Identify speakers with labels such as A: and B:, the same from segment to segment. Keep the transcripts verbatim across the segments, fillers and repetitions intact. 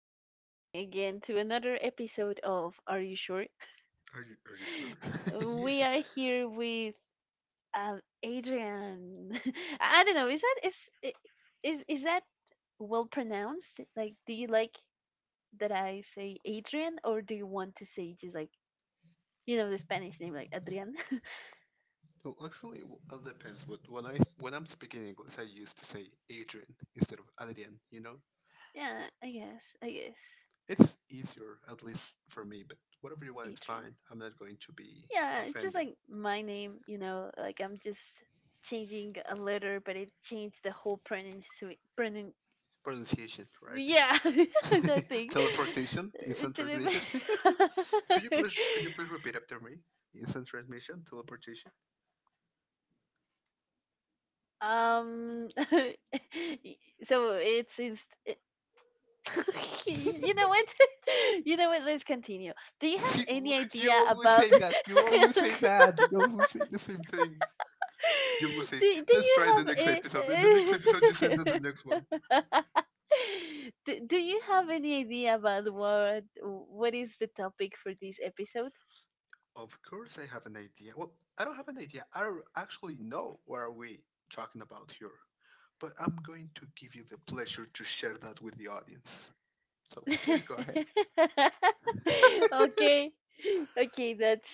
A: staying again to another episode of Are You Sure?
B: Are you are you sure? yeah.
A: We are here with um, Adrian. I don't know, is that is I- is is that well pronounced? Like, do you like that I say Adrian, or do you want to say just like you know the Spanish name like Adrian?
B: No, actually, it all depends. But when I when I'm speaking English, I used to say Adrian instead of Adrian. You know,
A: Yeah, I guess, I guess,
B: it's easier at least for me. But whatever you want,
A: Adrian.
B: fine. I'm not going to be
A: Yeah, it's just
B: offended.
A: like my name, you know, like I'm just changing a letter, but it changed the whole pronunciation. Pronun-
B: Pronunciation, right?
A: yeah, that thing.
B: Teleportation, instant
A: Didn't.
B: transmission. could you please could you please repeat after me? Instant transmission, teleportation.
A: um, y- so it's, it's it, You know what? You know what? Let's continue. Do you have
B: See, w-
A: any
B: you
A: idea
B: always
A: about?
B: say that. You always say that. You always say the same thing. You will say,
A: do, do
B: let's try the next episode. And the next
A: you
B: episode, you send to
A: have
B: the next one.
A: a do, do you have any idea about what what is the topic for this episode?
B: Of course, I have an idea. Well, I don't have an idea. I don't actually know what are we talking about here. But I'm going to give you the pleasure to share that with the audience. So please go ahead.
A: Okay. Okay, that's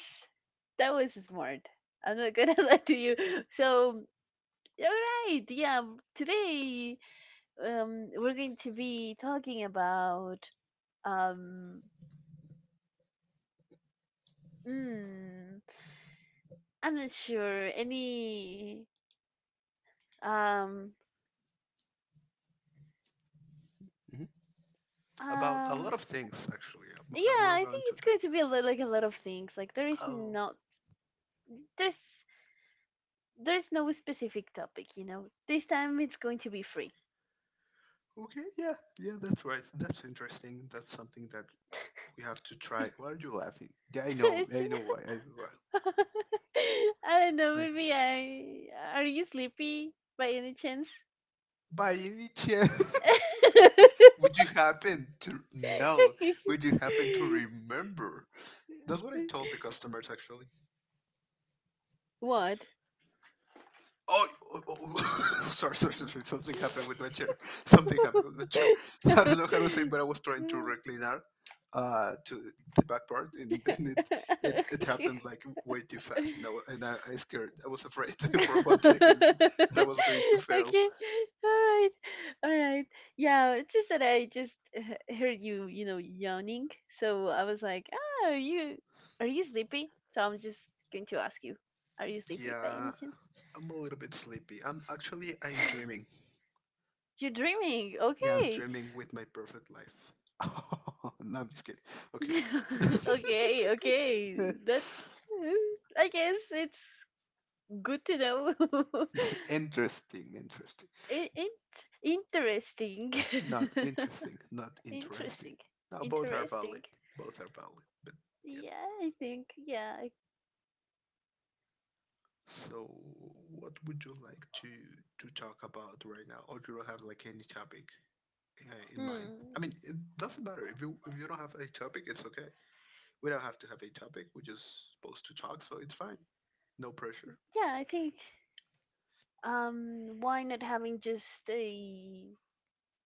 A: that was smart. I'm not gonna lie to you. So all right, yeah. Today, um, we're going to be talking about um, mm, I'm not sure any. Um,
B: Mhm. About a
A: um,
B: lot of things, actually. Um, uh,
A: yeah,
B: We're
A: I
B: going
A: think
B: to
A: it's
B: talk.
A: going to be a lot, like a lot of things. Like there is
B: Oh,
A: not there's there's no specific topic, you know. This time it's going to be free.
B: okay. Yeah, yeah, that's right. That's interesting. That's something that we have to try. Why are you laughing? Yeah, I know.
A: It's
B: I know why. I, why.
A: I don't know.
B: I-
A: Maybe I are you sleepy by any chance?
B: by any chance. Would you happen to know? Would you happen to remember? That's what I told the customers actually.
A: What?
B: Oh, oh, oh, sorry, sorry, sorry. Something happened with my chair. Something happened with my chair. I don't know how to say, but I was trying to recliner uh to the back part, and then it it, it happened like way too fast, and I wa- and I, I scared. I was afraid for one second
A: Okay.
B: that I
A: All
B: was going to fail.
A: right. All right. Yeah, it's just that I just h- heard you, you know, yawning. So I was like, "Ah, are you are you sleepy?" So I'm just going to ask you, "Are you sleepy by
B: Yeah,
A: any chance?"
B: I'm a little bit sleepy. I'm actually I'm dreaming.
A: You're dreaming.
B: Yeah, I'm
A: Okay.
B: dreaming with my perfect life. No, I'm just kidding. Okay.
A: Okay, okay. That's uh, I guess it's good to know.
B: Interesting, interesting.
A: In- in- interesting.
B: Not interesting, not interesting.
A: Interesting.
B: Now both are valid.
A: Interesting.
B: Both are valid. But yeah.
A: Yeah, I think. Yeah. I,
B: So what would you like to to talk about right now? Or do you have like any topic uh, in mind?
A: hmm.
B: I mean, it doesn't matter if you if you don't have a topic, it's okay. We don't have to have a topic. We're just supposed to talk, so it's fine. No pressure.
A: Yeah, I think. Um, why not having just a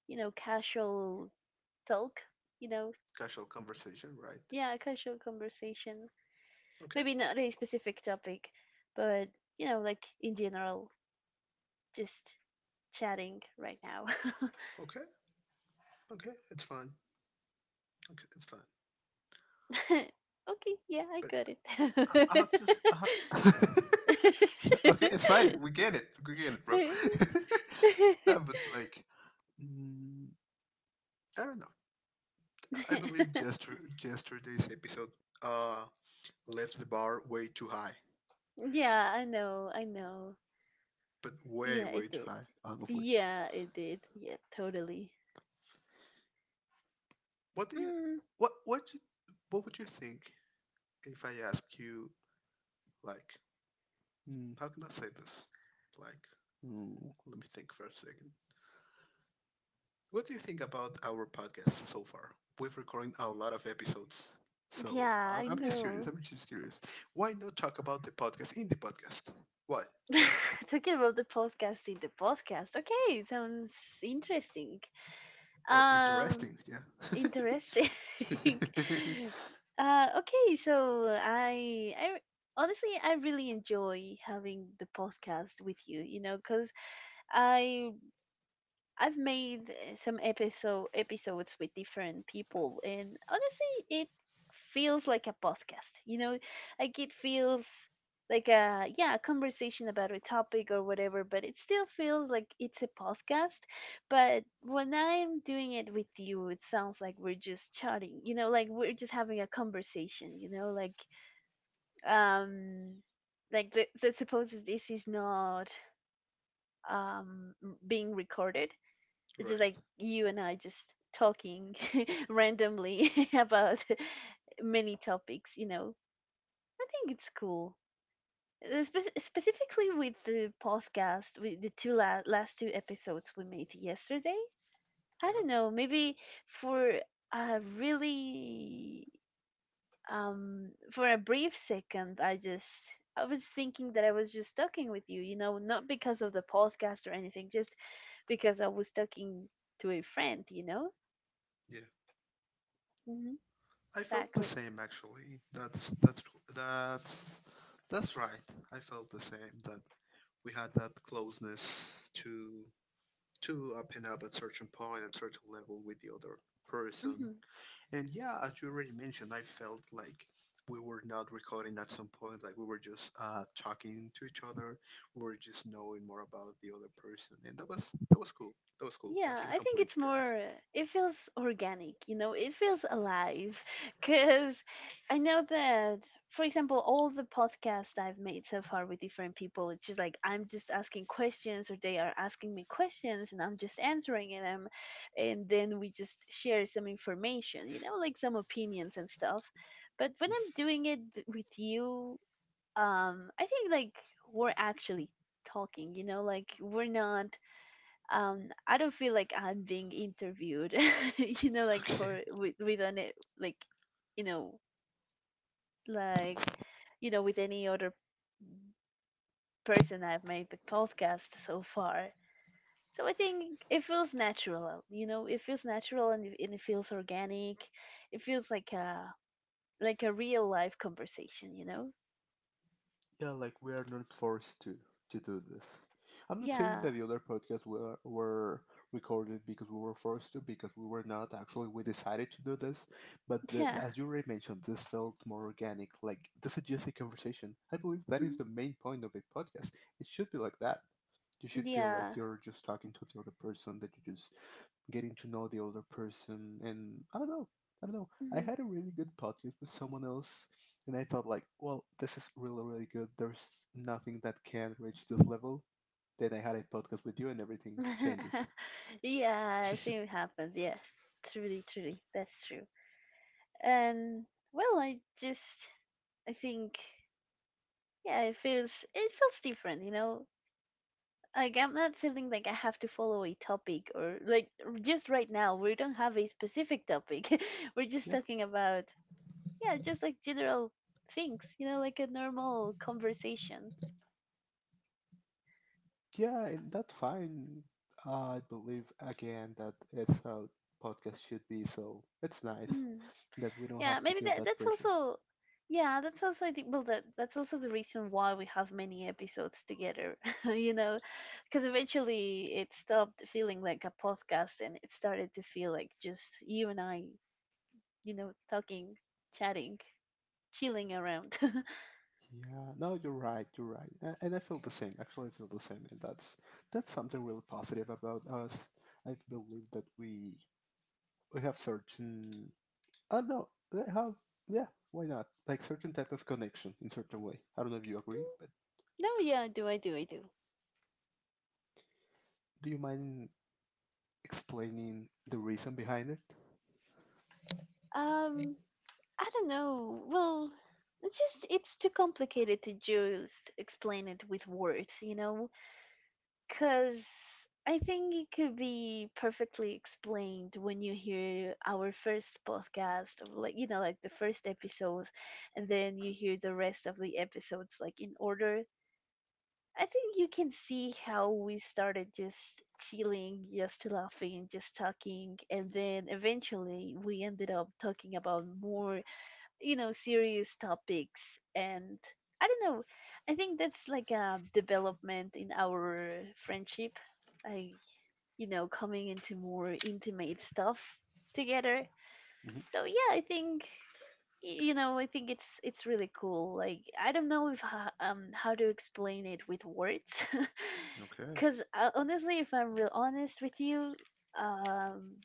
A: you know casual talk? You know,
B: Casual conversation, right?
A: yeah, a casual conversation.
B: Okay.
A: Maybe not a specific topic, but you know, like in general, just chatting right now.
B: Okay, okay, it's fine. Okay, it's fine.
A: Okay. Yeah, I
B: But
A: got
B: I,
A: it.
B: I have to. S- I ha- okay, it's fine. We get it. We get it, bro. No, but like, mm, I don't know. I believe yester- yesterday's episode uh left the bar way too high,
A: Yeah, I know. I know.
B: but way
A: Yeah, it
B: way too
A: did.
B: high. Honestly,
A: Yeah, it did. Yeah, totally.
B: what do you
A: Mm,
B: what what you, what would you think if I ask you like, mm, how can I say this? Like, mm, let me think for a second. What do you think about our podcast so far? We've recorded a lot of episodes. So
A: yeah,
B: I-
A: I
B: I'm just curious.
A: know.
B: I'm just curious. Why not talk about the podcast in the podcast? Why? Why not?
A: Talking about the podcast in the podcast. Okay, sounds interesting.
B: Or
A: Um,
B: interesting, yeah.
A: interesting. uh, okay, so I, I honestly I really enjoy having the podcast with you. You know, cause I I've made uh, some episode episodes with different people, and honestly, it feels like a podcast. You know, like it feels like a yeah a conversation about a topic or whatever, but it still feels like it's a podcast. But when I'm doing it with you, it sounds like we're just chatting. You know, like we're just having a conversation. You know, like um, like let, let's suppose that this is not um being recorded. It's just like
B: Right.
A: you and I just talking randomly about many topics, you know. I think it's cool. Uh, spec- specifically with the podcast, with the two la- last two episodes we made yesterday. I
B: Yeah.
A: don't know, maybe for a really um for a brief second I just I was thinking that I was just talking with you, you know, not because of the podcast or anything, just because I was talking to a friend, you know?
B: Yeah.
A: Mm-hmm.
B: I felt the
A: Exactly.
B: same actually. That's that's that that's right. I felt the same that we had that closeness to to open up at certain point point at certain level with the other person.
A: Hmm.
B: And yeah, as you already mentioned, I felt like we were not recording at some point. Like we were just uh, talking to each other. We were just knowing more about the other person, and that was that was cool. That was cool. I
A: Yeah,
B: can't
A: I think
B: complain, to
A: it's
B: be honest.
A: more, uh, it feels organic, you know, it feels alive. Because I know that, for example, all the podcasts I've made so far with different people, it's just like I'm just asking questions or they are asking me questions and I'm just answering them. And then we just share some information, you know, like some opinions and stuff. But when I'm doing it th- with you, um, I think like we're actually talking, you know, like we're not um I don't feel like I'm being interviewed you know like
B: Okay.
A: for with with an e- like you know like you know with any other person I've made the podcast so far, so I think it feels natural, you know, it feels natural and it, and it feels organic. It feels like a like a real life conversation, you know.
B: Yeah, like we are not forced to to do this. I'm not saying
A: Yeah.
B: that the other podcasts were were recorded because we were forced to, because we were not actually. We decided to do this, but the,
A: Yeah.
B: as you already mentioned, this felt more organic. Like this is just a conversation. I believe that is
A: Mhm.
B: the main point of a podcast. It should be like that. You should feel like
A: Yeah.
B: you're just talking to the other person, that you're just getting to know the other person. And I don't know. I don't know. I had a really good podcast with someone else, and I thought, like, well, this is really, really good. There's nothing that can reach this level. Then I had a podcast with you, and everything
A: Mhm.
B: changed it.
A: Yeah, same happened. Yeah, truly, truly, that's true. And well, I just I think yeah it feels it feels different, you know, like I'm not feeling like I have to follow a topic or like r- just right now we don't have a specific topic. We're just
B: Yeah,
A: talking about yeah just like general things, you know, like a normal conversation.
B: yeah, and that's fine. I believe again that it's how podcast should be, so it's nice
A: Mm-hmm.
B: that we don't
A: Yeah,
B: have to
A: maybe
B: feel
A: that
B: that
A: that's
B: pressure.
A: also yeah, that's also the well that that's also the reason why we have many episodes together, you know, because eventually it stopped feeling like a podcast and it started to feel like just you and I, you know, talking, chatting, chilling around. No,
B: Yeah, no, you're right. You're right, A- and I feel the same. Actually, I feel the same, and that's that's something really positive about us. I believe that we we have certain. I don't know uh, how. Yeah, why not? Like certain type of connection in certain way. I don't know if you agree, but
A: yeah, I do, I do, I do.
B: do you mind explaining the reason behind it?
A: Um, I don't know. Well, it's just it's too complicated to just explain it with words, you know. Because I think it could be perfectly explained when you hear our first podcast, or like, you know, like the first episode, and then you hear the rest of the episodes, like in order. I think you can see how we started just chilling, just laughing, just talking, and then eventually we ended up talking about more you know serious topics, and I don't know, I think that's like a development in our friendship, like, you know, coming into more intimate stuff together.
B: Hmm.
A: So yeah I think y- you know I think it's it's really cool, like I don't know if ho- um how to explain it with words
B: Okay.
A: because honestly if I'm real honest with you, um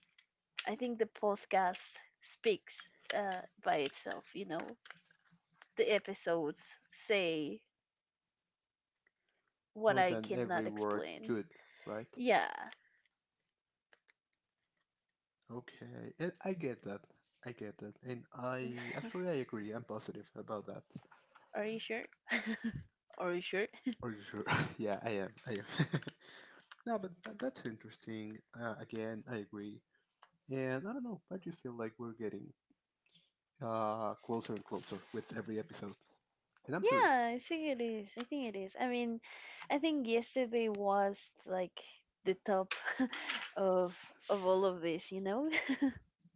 A: I think the podcast speaks uh by itself, you know. The episodes say
B: More
A: what I
B: than every
A: cannot
B: word
A: explain.
B: could, right?
A: Yeah.
B: Okay, and I get that. I get that, and I actually I agree. I'm positive about that.
A: Are you sure? Are you sure?
B: Are you sure? Yeah, I am. I am. No, but that, that's interesting. Uh, again, I agree. And I don't know, but you feel like we're getting uh closer and closer with every episode. And I'm serious.
A: Yeah, I think it is. I think it is. I mean, I think yesterday was like the top of of all of this, you know?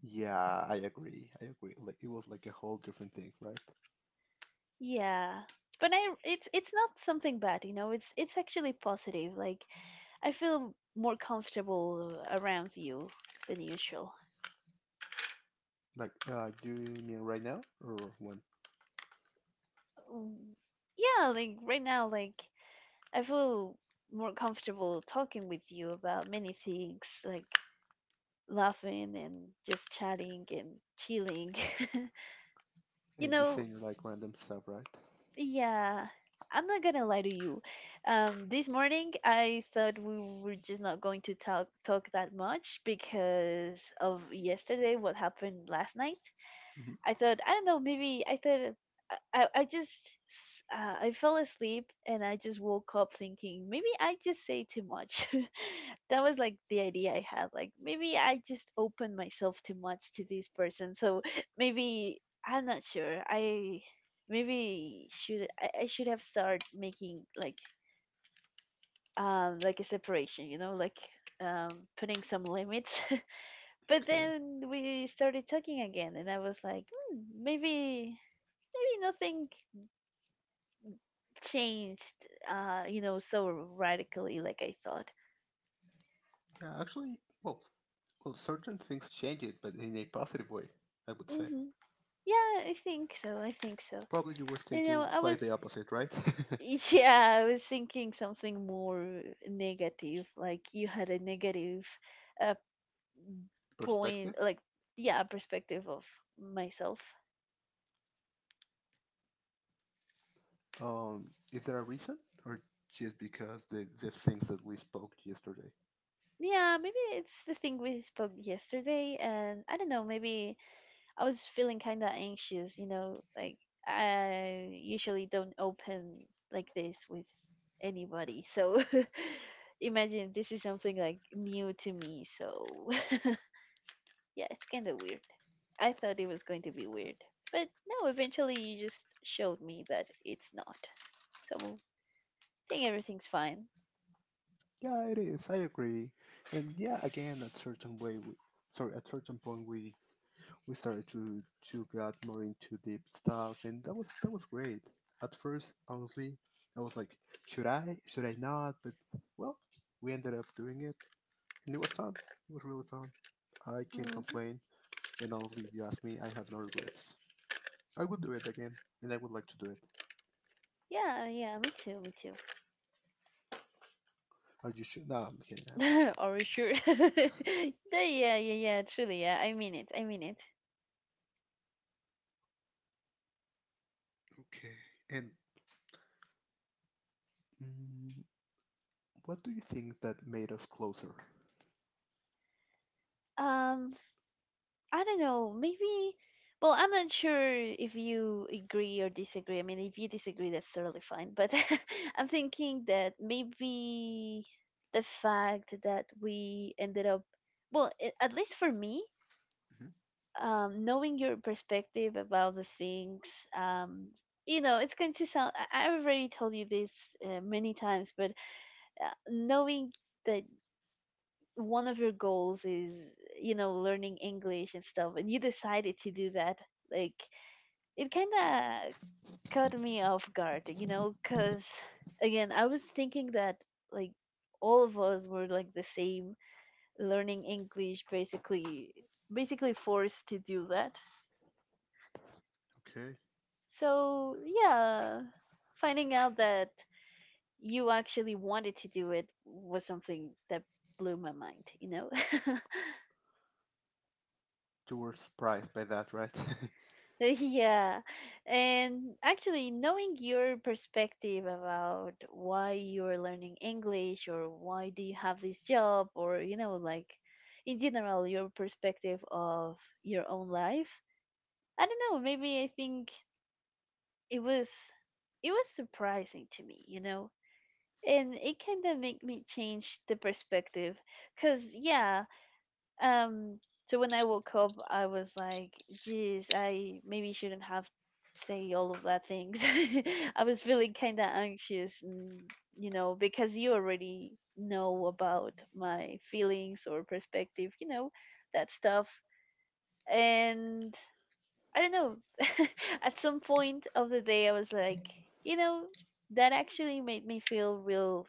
B: Yeah, I agree. I agree. Like it was like a whole different thing, right?
A: Yeah. But I it's it's not something bad, you know. It's it's actually positive. Like I feel more comfortable around you than usual.
B: Like, uh, do you mean right now or when?
A: Um, Yeah, like right now like I feel more comfortable talking with you about many things, like laughing and just chatting and chilling.
B: Uh,
A: You
B: Just
A: know,
B: saying like random stuff, right?
A: yeah, I'm not gonna lie to you. Um, this morning I thought we were just not going to talk talk that much because of yesterday, what happened last night.
B: Hmm.
A: I thought I don't know maybe I thought I I, I just uh, I fell asleep and I just woke up thinking maybe I just say too much. That was like the idea I had like maybe I just opened myself too much to this person. So maybe I'm not sure. I maybe should I, I should have started making like um like a separation, you know, like um putting some limits. But
B: Okay.
A: then we started talking again and I was like, hmm, maybe maybe nothing changed uh you know so radically like I thought.
B: Yeah, actually, well, well, certain things change it, but in a positive way, I would say.
A: Hmm. Yeah I think so, I think so.
B: Probably you were
A: You know
B: thinking
A: I
B: quite
A: was
B: the opposite, right?
A: yeah I was thinking something more negative, like you had a negative uh point
B: Perspective.
A: like yeah perspective of myself.
B: Um, is there a reason, or just because the the things that we spoke yesterday?
A: Yeah, maybe it's the thing we spoke yesterday and I don't know maybe I was feeling kind of anxious, you know, like I usually don't open like this with anybody. So imagine this is something like new to me. So yeah, it's kind of weird. I thought it was going to be weird, but no, eventually you just showed me that it's not. So I think everything's fine.
B: Yeah, it is. I agree, and yeah, again, at certain way, we, sorry, at certain point, we we started to to get more into deep stuff, and that was that was great. At first, honestly, I was like, should I, should I not? But well, we ended up doing it, and it was fun. It was really fun. I can't
A: Hmm.
B: complain, and honestly, if you ask me, I have no regrets. I would do it again, and I would like to do it.
A: Yeah, yeah, me too, me too.
B: Are you sure? No, I'm getting happy.
A: Are you sure? Yeah, yeah, yeah, yeah, truly, yeah. I mean it. I mean it.
B: Okay. And Mm, what do you think that made us closer?
A: Um, I don't know, maybe. Well, I'm not sure if you agree or disagree. I mean, if you disagree, that's totally fine. But I'm thinking that maybe the fact that we ended up, well, a- at least for me,
B: Mhm.
A: um, knowing your perspective about the things, um, you know, it's going to sound, I, I've already told you this uh, many times, but uh, knowing that one of your goals is you know learning English and stuff and you decided to do that like it kind of caught me off guard you know because again I was thinking that like all of us were like the same learning English basically basically forced to do that,
B: Okay.
A: so yeah finding out that you actually wanted to do it was something that blew my mind, you know.
B: You were surprised by that, right?
A: Yeah. And actually, knowing your perspective about why you're learning English or why do you have this job or, you know, like in general, your perspective of your own life. I don't know, maybe I think it was it was surprising to me, you know. And it kind of made me change the perspective cuz yeah, um, so when I woke up, I was like, geez, I maybe shouldn't have say all of that things. I was feeling kind of anxious, and, you know, because you already know about my feelings or perspective, you know, that stuff. And I don't know. At some point of the day, I was like, you know, that actually made me feel real,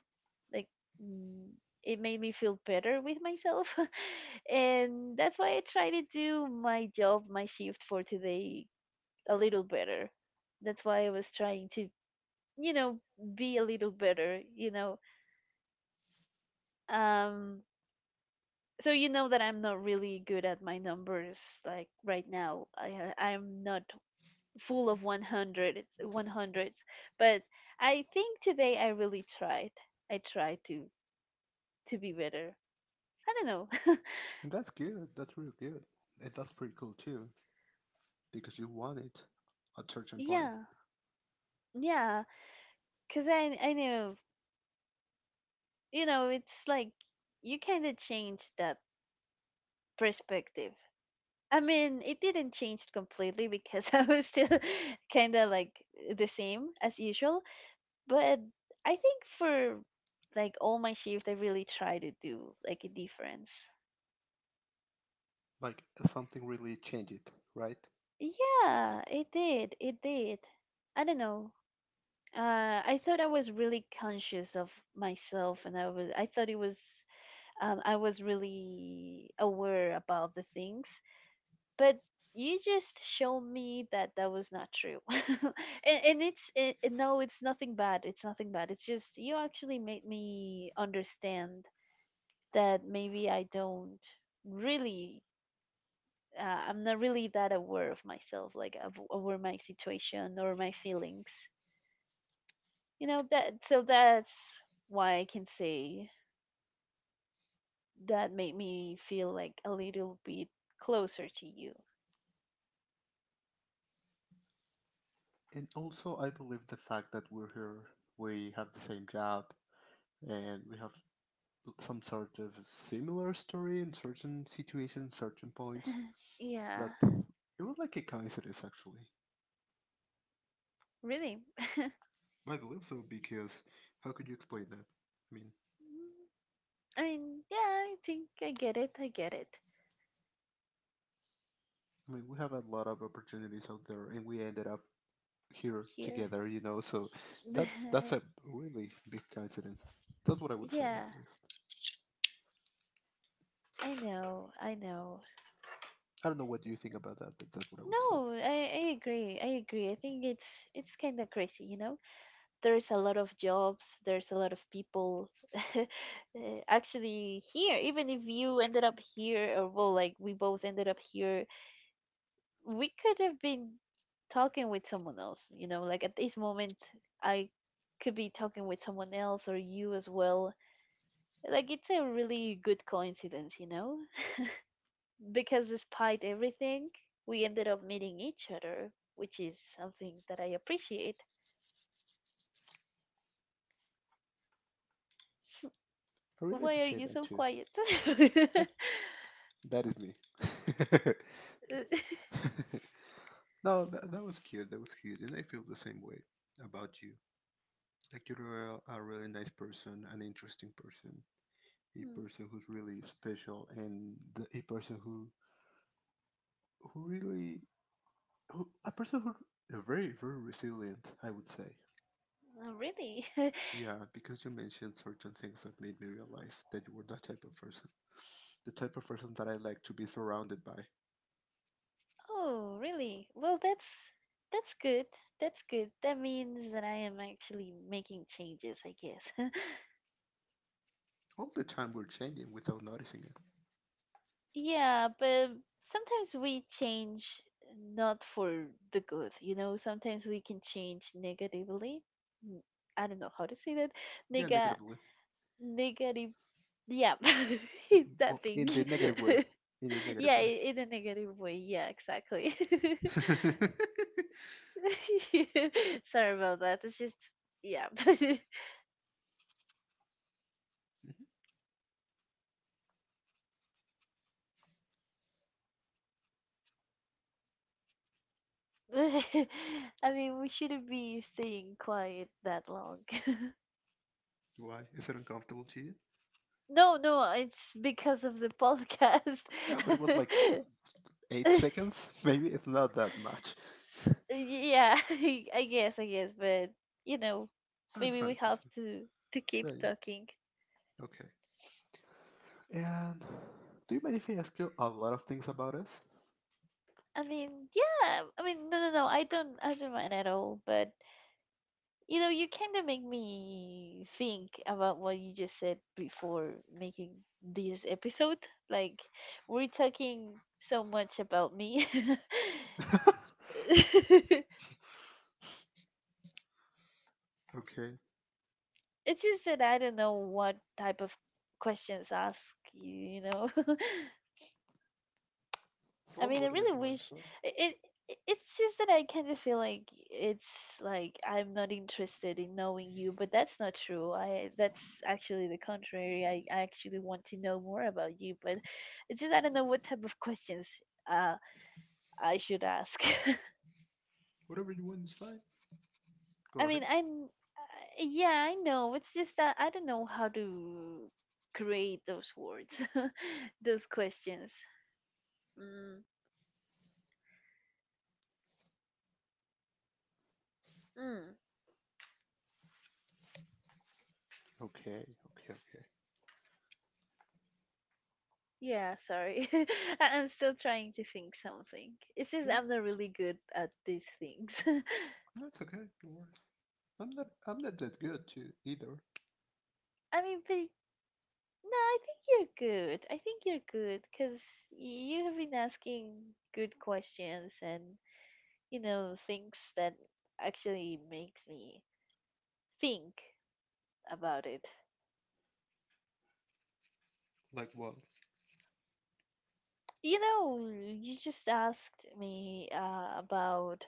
A: like, mm, it made me feel better with myself. And that's why I try to do my job, my shift for today a little better. That's why I was trying to, you know, be a little better, you know. Um, so you know that I'm not really good at my numbers. Like right now, I ha- I'm not full of one hundred, but i think today i really tried. I tried to to be better. I don't know.
B: And that's good. That's real good. And that's pretty cool too, because you want it at certain point.
A: Yeah, yeah, because i i know, you know, it's like you kind of changed that perspective. I mean, it didn't change completely, because I was still kind of like the same as usual, but I think for like all my shifts I really try to do like a difference.
B: Like something really changed it, right?
A: Yeah, it did. It did. I don't know. Uh, I thought I was really conscious of myself, and I was. I thought it was. Um, I was really aware about the things, but you just showed me that that was not true. and, and it's it, it- no, it's nothing bad. It's nothing bad. It's just you actually made me understand that maybe I don't really, uh, I'm not really that aware of myself, like of, over my situation or my feelings. You know that, so that's why I can say that made me feel like a little bit closer to you.
B: And also, I believe the fact that we're here, we have the same job, and we have some sort of similar story in certain situations, certain points.
A: Yeah,
B: That it was like a coincidence, actually.
A: really.
B: I believe so because how could you explain that? I mean,
A: Mm, I mean, yeah, I think I get it. I get it
B: I mean, we have a lot of opportunities out there, and we ended up here
A: here.
B: together, you know. So that's that's a really big coincidence. That's what I would say,
A: Yeah,
B: at least.
A: I know. I know.
B: I don't know what you think about that, but that's what I would say.
A: No, I, I agree. I agree. I think it's it's kind of crazy, you know. There's a lot of jobs, there's a lot of people. eh, Actually, here, even if you ended up here, or well, like we both ended up here, we could have been talking with someone else, you know, like at this moment, I could be talking with someone else or you as well. Like, it's a really good coincidence, you know, because despite everything, we ended up meeting each other, which is something that I appreciate.
B: I really
A: Why are
B: appreciate
A: you
B: that
A: so
B: too.
A: quiet?
B: Yeah, that is me. No, that, that was cute. That was cute, and I feel the same way about you. Like you're a, a really nice person, an interesting person, a
A: Mm,
B: person who's really special and the, a person who who really who, a person who a very very resilient I would say.
A: uh, really?
B: Yeah, because you mentioned certain things that made me realize that you were that type of person, the type of person that I like to be surrounded by.
A: Oh, really? Well, that's that's good. That's good. That means that I am actually making changes, I guess.
B: All the time we're changing without noticing it.
A: Yeah, but sometimes we change not for the good, you know, sometimes we can change negatively. N- I don't know how to say that.
B: Yeah,
A: Nega
B: negatively.
A: negative yeah. That
B: Well,
A: thing.
B: in the negative way. In the
A: Yeah,
B: negative way.
A: i- in a negative way. Yeah, exactly. Sorry about that. It's just yeah. I mean, we shouldn't be staying quiet that long.
B: Why is it uncomfortable to you?
A: No, no, it's because of the podcast.
B: No, but it was like eight seconds. Maybe it's not that much.
A: Yeah, I guess, I guess, but you know,
B: No, it's
A: maybe we
B: fine,
A: have
B: it's fine.
A: to to keep
B: Right,
A: talking.
B: okay. And do you mind if I ask you a lot of things about us?
A: I mean, yeah. I mean, no, no, no. I don't, I don't mind at all. But you know, you kind of make me think about what you just said before making this episode. Like, we're talking so much about me. It's
B: Okay.
A: just that I don't know what type of questions ask you, you know? I
B: Well,
A: mean, I
B: whatever
A: really
B: you want is
A: wish
B: fine.
A: it, it. It's just that I kind of feel like it's like I'm not interested in knowing you, but that's not true. I that's actually the contrary. I, I actually want to know more about you, but it's just I don't know what type of questions uh I should ask.
B: Whatever you want is fine.
A: I
B: Go
A: mean,
B: ahead.
A: I kn- uh, yeah, I know. It's just that I don't know how to create those words, those questions. Mm, mm.
B: Okay, okay, okay.
A: Yeah, sorry. I- I'm still trying to think something. It's just
B: Yeah,
A: I'm not
B: it's,
A: really good at these things.
B: that's okay. No worries. I'm not. I'm not that good too either.
A: I mean, but no, I think you're good. I think you're good because you have been asking good questions and, you know, things that actually makes me think about it.
B: Like what?
A: You know, you just asked me uh, about,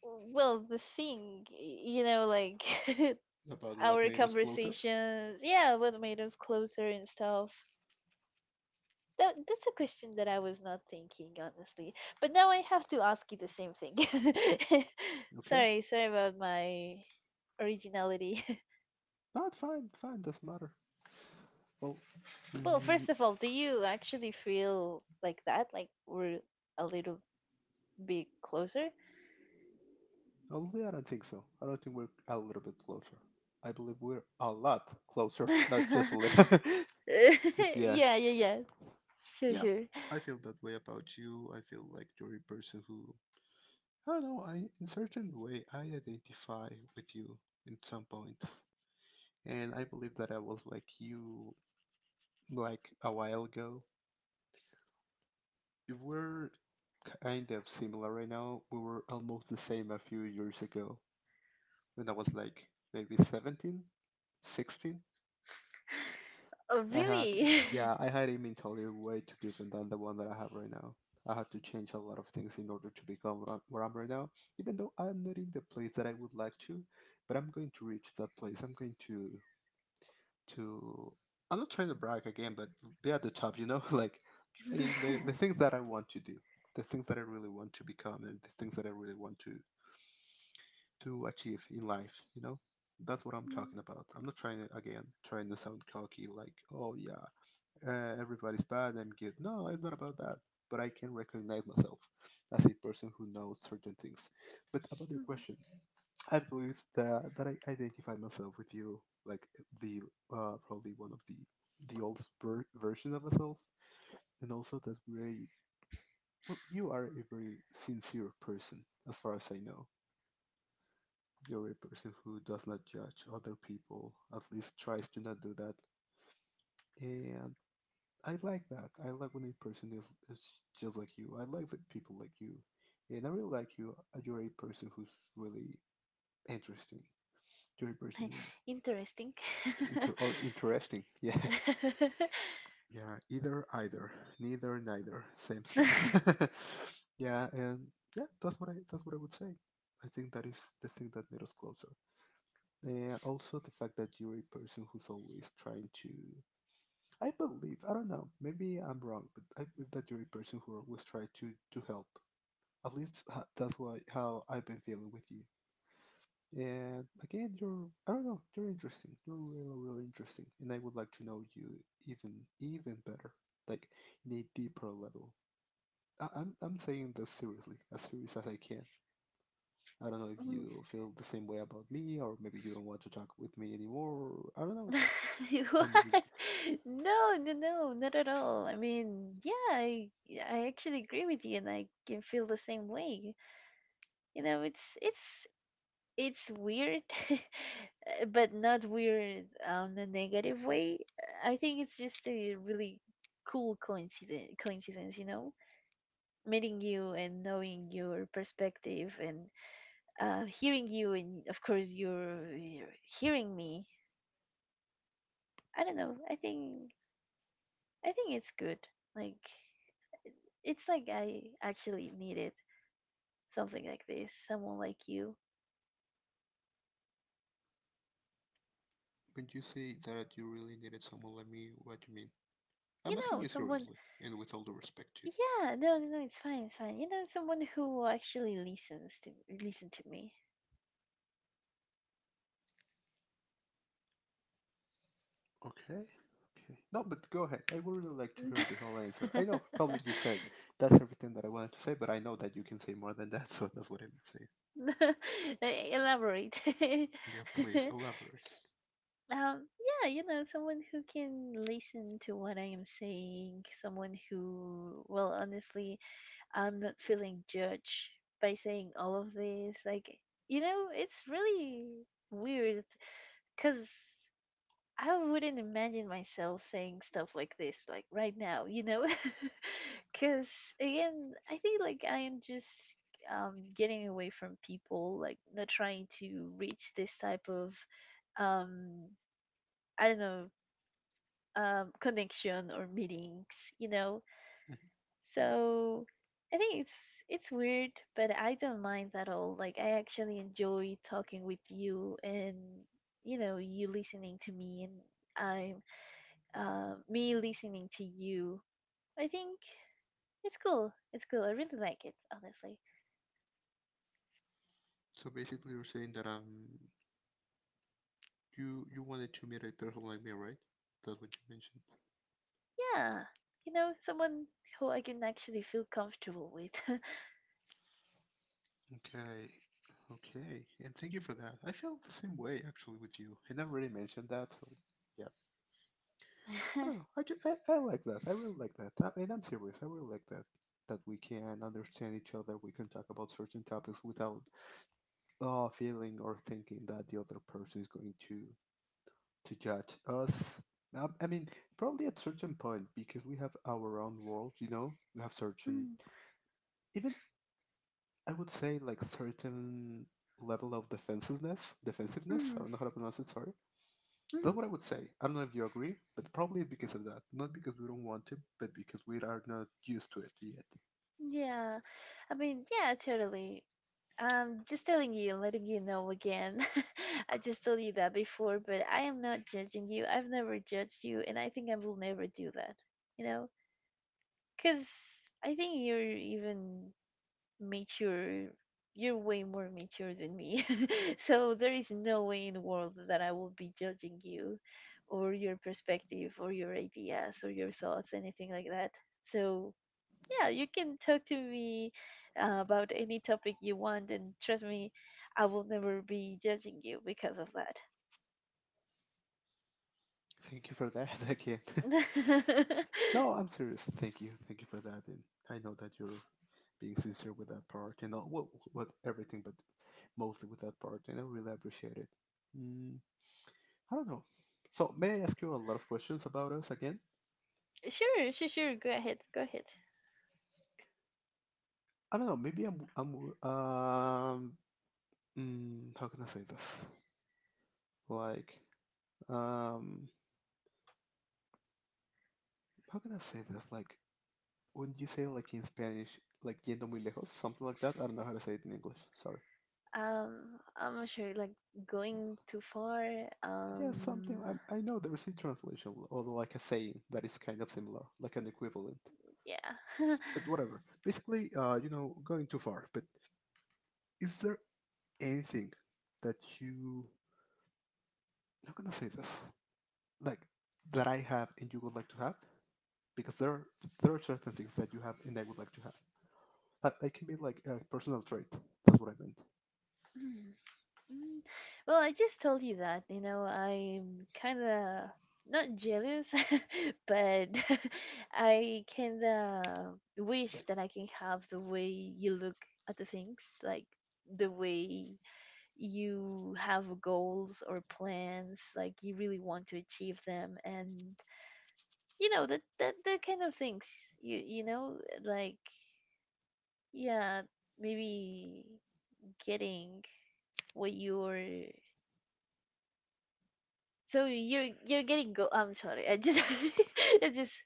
A: well, the thing, y- you know, like
B: About what
A: our
B: made us closer?
A: conversations. Yeah, what made us closer and stuff. That that's a question that I was not thinking honestly. But now I have to ask you the same thing.
B: Okay.
A: Sorry, sorry about my originality.
B: No, it's fine, it's fine, doesn't matter. Well,
A: Well,
B: mm,
A: first of all, do you actually feel like that? Like we're a little bit closer?
B: only I don't think so. I don't think we're a little bit closer. I believe we're a lot closer, not
A: Yeah,
B: just a little. But yeah,
A: yeah, yeah. Sure,
B: yeah,
A: sure.
B: I feel that way about you. I feel like you're a person who, I don't know, I, in certain way, I identify with you in some points. And I believe that I was like you, like a while ago. If we're kind of similar right now, we were almost the same a few years ago when I was like maybe seventeen, sixteen.
A: Oh,
B: I had,
A: really?
B: yeah, I had a mentality way too different than the one that I have right now. I had to change a lot of things in order to become where I'm where I'm right now, even though I'm not in the place that I would like to, but I'm going to reach that place. I'm going to, to, I'm not trying to brag again, but be at the top, you know, like tr- in the, the things that I want to do, the things that I really want to become, and the things that I really want to, to achieve in life, you know? That's what I'm talking about. I'm not trying to, again, trying to sound cocky, like, oh, yeah, uh, everybody's bad, I'm good. No, it's not about that. But I can recognize myself as a person who knows certain things. But about
A: Mm,
B: your
A: mhm.
B: question, I believe that, that I identify myself with you, like the uh, probably one of the the old ver- version of myself, and also that very well, you are a very sincere person, as far as I know. You're a person who does not judge other people, at least tries to not do that, and I like that. I like when a person is, is just like you. I like that people like you, and I really like you. uh, You're a person who's really interesting. You're a person who
A: Interesting.
B: inter or interesting. Yeah, yeah. Either, either, neither, neither. Same stuff. yeah, and yeah, that's what I that's what I would say. I think that is the thing that made us closer. And also the fact that you're a person who's always trying to I believe I don't know. Maybe I'm wrong, but I believe that you're a person who always try to to help. At least ha- that's why how I've been feeling with you. And again, you're I don't know. You're interesting. You're really really interesting, and I would like to know you even even better, like in a deeper level. I- I'm I'm saying this seriously, as serious as I can. I don't know if
A: Mm.
B: you feel the same way about me, or maybe you don't want to talk with me anymore. I don't know, or maybe
A: What? No, no, no, not at all. I mean, yeah, I yeah, I actually agree with you, and I can feel the same way. You know, it's it's it's weird, uh, but not weird on a negative way. I think it's just a really cool coincidence. Coincidence, you know, meeting you and knowing your perspective and uh, hearing you, and of course you're, you're hearing me. I don't know. I think I think it's good. Like it's like I actually needed something like this. Someone like you.
B: when you say that you really needed someone like me, what you mean?
A: You
B: I'm
A: know,
B: asking you
A: someone
B: seriously and with all the respect too.
A: yeah, no, no, no, it's fine, it's fine. You know, someone who actually listens to listen to me.
B: Okay. Okay. No, but go ahead. I would really like to hear the whole answer. I know probably you said that's everything that I wanted to say, but I know that you can say more than that, so that's what I'm saying.
A: Elaborate. Um,
B: Yeah, please elaborate.
A: yeah, you know, someone who can listen to what I am saying, someone who, well, honestly, I'm not feeling judged by saying all of this. Like, you know, it's really weird because I wouldn't imagine myself saying stuff like this, like right now, you know? Because, again, I think, like, I am just um, getting away from people, like, not trying to reach this type of, um, I don't know, um, connection or meetings, you know? So I think it's it's weird, but I don't mind at all. Like I actually enjoy talking with you and you know, you listening to me and I'm uh, me listening to you. I think it's cool. It's cool. I really like it, honestly.
B: So basically, you're saying that um, you you wanted to meet a person like me, right? That's what you mentioned.
A: Yeah. You know, someone who I can actually feel comfortable with.
B: Okay, okay, and thank you for that. I felt the same way actually with you. And I've already mentioned that, so yeah, I
A: Mm,
B: don't know. I, ju- I, I like that. I really like that. I, and I'm serious. I really like that. That we can understand each other. We can talk about certain topics without uh, feeling or thinking that the other person is going to to judge us. Now, I mean, probably at certain point because we have our own world. You know, we have certain even I would say like certain level of defensiveness. Defensiveness. I
A: mm,
B: don't know how to pronounce it. Sorry. That's
A: mhm.
B: what I would say. I don't know if you agree, but probably it's because of that. Not because we don't want to, but because we are not used to it yet.
A: Yeah. I mean, yeah, totally. Um, just telling you, letting you know again. I just told you that before, but I am not judging you. I've never judged you, and I think I will never do that. You know? Because I think you're even mature. You're way more mature than me. So there is no way in the world that I will be judging you or your perspective or your ideas or your thoughts, anything like that. So yeah, you can talk to me uh, about any topic you want, and trust me, I will never be judging you because of that.
B: Thank you for that again. no, I'm serious. Thank you. Thank you for that. And I know that you're being sincere with that part and all, well, with everything, but mostly with that part. And I really appreciate it. Mm, I don't know. So, may I ask you a lot of questions about us again?
A: Sure, sure, sure. Go ahead, go ahead.
B: I don't know. Maybe I'm. I'm um, mm, how can I say this? Like, um, how can I say this? Like, wouldn't you say like in Spanish, like yendo muy lejos, something like that? I don't know how to say it in English. Sorry.
A: Um, I'm not sure, like going too far.
B: Yeah, something.
A: Um,
B: I, I know there is a translation or like a saying that is kind of similar, like an equivalent.
A: yeah.
B: But whatever. Basically, uh, you know, going too far. But is there anything that you? I'm not gonna say this. Like that I have and you would like to have, because there are, there are certain things that you have and I would like to have. That, that can be like a personal trait. That's what I meant.
A: Mm, well, I just told you that, you know, I'm kind of not jealous, but I kind of
B: Like,
A: wish that I can have the way you look at the things, like the way you have goals or plans, like you really want to achieve them, and you know that that that kind of things. You you know, like yeah, maybe getting what you're so you're you're getting go. I'm sorry. I just it's just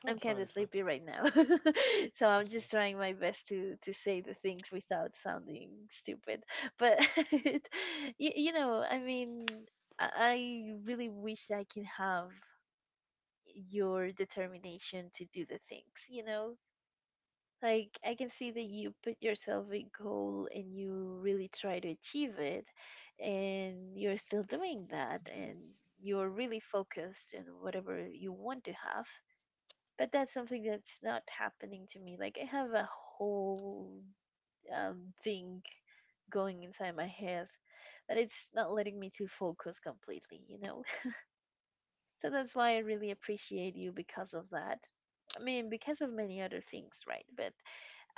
B: oh, it's
A: I'm
B: fine.
A: kind
B: It's
A: of
B: fine.
A: sleepy right now, so
B: It's
A: I'm
B: fine.
A: just trying my best to to say the things without sounding stupid. But you, you know, I mean, I, I really wish I can have your determination to do the things. You know, like, I can see that you put yourself a goal and you really try to achieve it, and you're still doing that, and you're really focused on whatever you want to have. But that's something that's not happening to me. Like, I have a whole um, thing going inside my head that it's not letting me to focus completely, you know? So that's why I really appreciate you because of that. I mean, because of many other things, right? But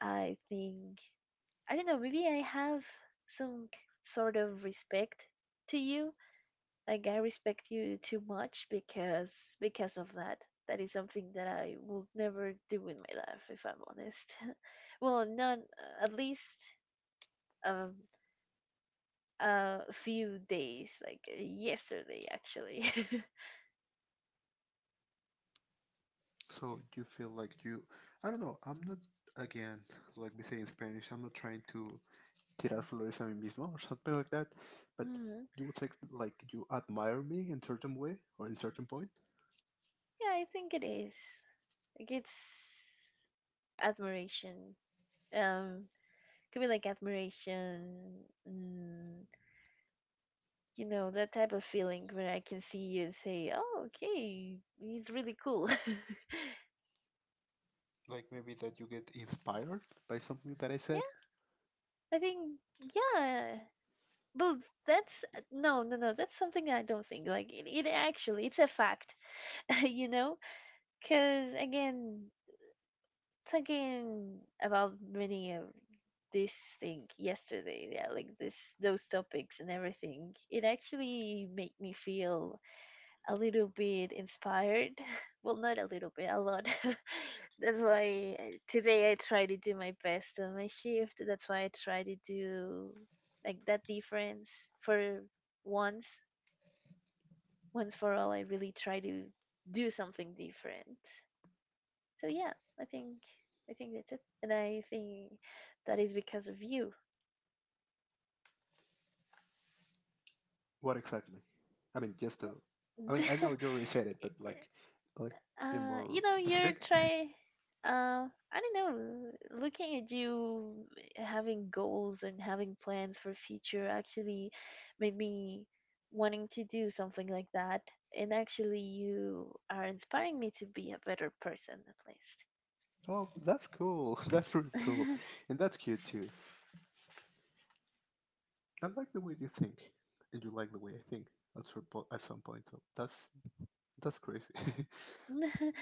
A: I think I don't know, maybe I have some k- sort of respect to you. Like I respect you too much because because of that. That is something that I will never do in my life, if I'm honest. Well, none, at least um, a few days, like uh, yesterday, actually.
B: So you feel like you, I don't know, I'm not, again, like we say in Spanish, I'm not trying to tirar flores a mí mismo or something like that, but
A: Hmm.
B: you would say like you admire me in certain way or in certain point?
A: Yeah, I think it is. Like it's admiration. Um, could be like admiration. Mm, you know that type of feeling when I can see you and say, "Oh, okay, he's really cool."
B: Like maybe that you get inspired by something that I said?
A: Yeah, I think yeah, but that's uh, no, no, no. That's something I don't think. Like it, it actually, it's a fact. You know, because again, talking about many of this thing yesterday, yeah, like this, those topics and everything, it actually made me feel a little bit inspired. Well, not a little bit, a lot. That's why I- today I try to do my best on my shift. That's why I try to do like that difference for once, once for all. I really try to do something different. So yeah, I think I think that's it, and I think that is because of you.
B: What exactly? I mean, just to, I mean, I
A: Mm.
B: know you already said it, but like, like, be
A: Uh,
B: more
A: you know, you're
B: specific.
A: try. Uh, I don't know. Looking at you having goals and having plans for future actually made me wanting to do something like that. And actually, you are inspiring me to be a better person, at least.
B: Oh, that's cool. That's really cool. And that's cute too. I like the way you think, and you like the way I think at some po- at some point. So that's that's crazy.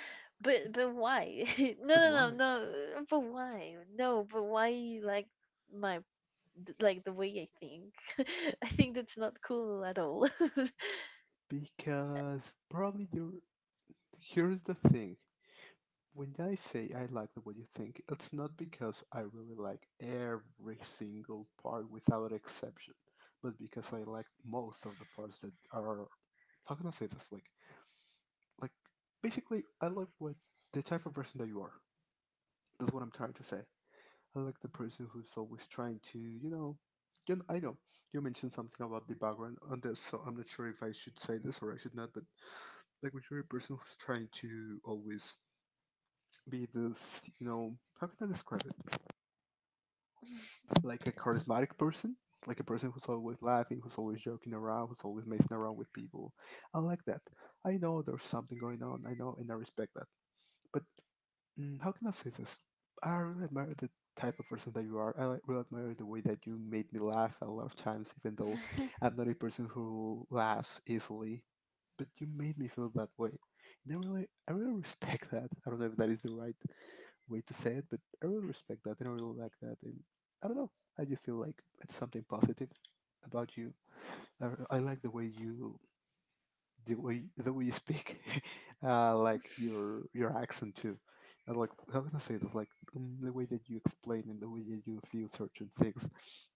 A: but but why? no
B: but why?
A: no no no. But why? No, but why? You Like my th- Like the way I think. I think that's not cool at all.
B: Because probably you're. Here's the thing. When I say I like the way you think, it's not because I really like every single part without exception, but because I like most of the parts that are. How can I say this? Like, like basically, I like what the type of person that you are. That's what I'm trying to say. I like the person who's always trying to, you know, you know, I know you mentioned something about the background on this, so I'm not sure if I should say this or I should not. But like, when you're a person who's trying to always be this, you know, how can I describe it? Like a charismatic person, like a person who's always laughing, who's always joking around, who's always messing around with people. I like that. I know there's something going on. I know, and I respect that. But mm, how can I say this? I really admire the type of person that you are. I like, really admire the way that you made me laugh a lot of times, even though I'm not a person who laughs easily. But you made me feel that way, and I really, I really respect that. I don't know if that is the right way to say it, but I really respect that, and I really like that. And I don't know, I just feel like it's something positive about you. I, I like the way you the way the way you speak, uh, like your your accent too, and like how can I say this? Like um, the way that you explain and the way that you feel certain things,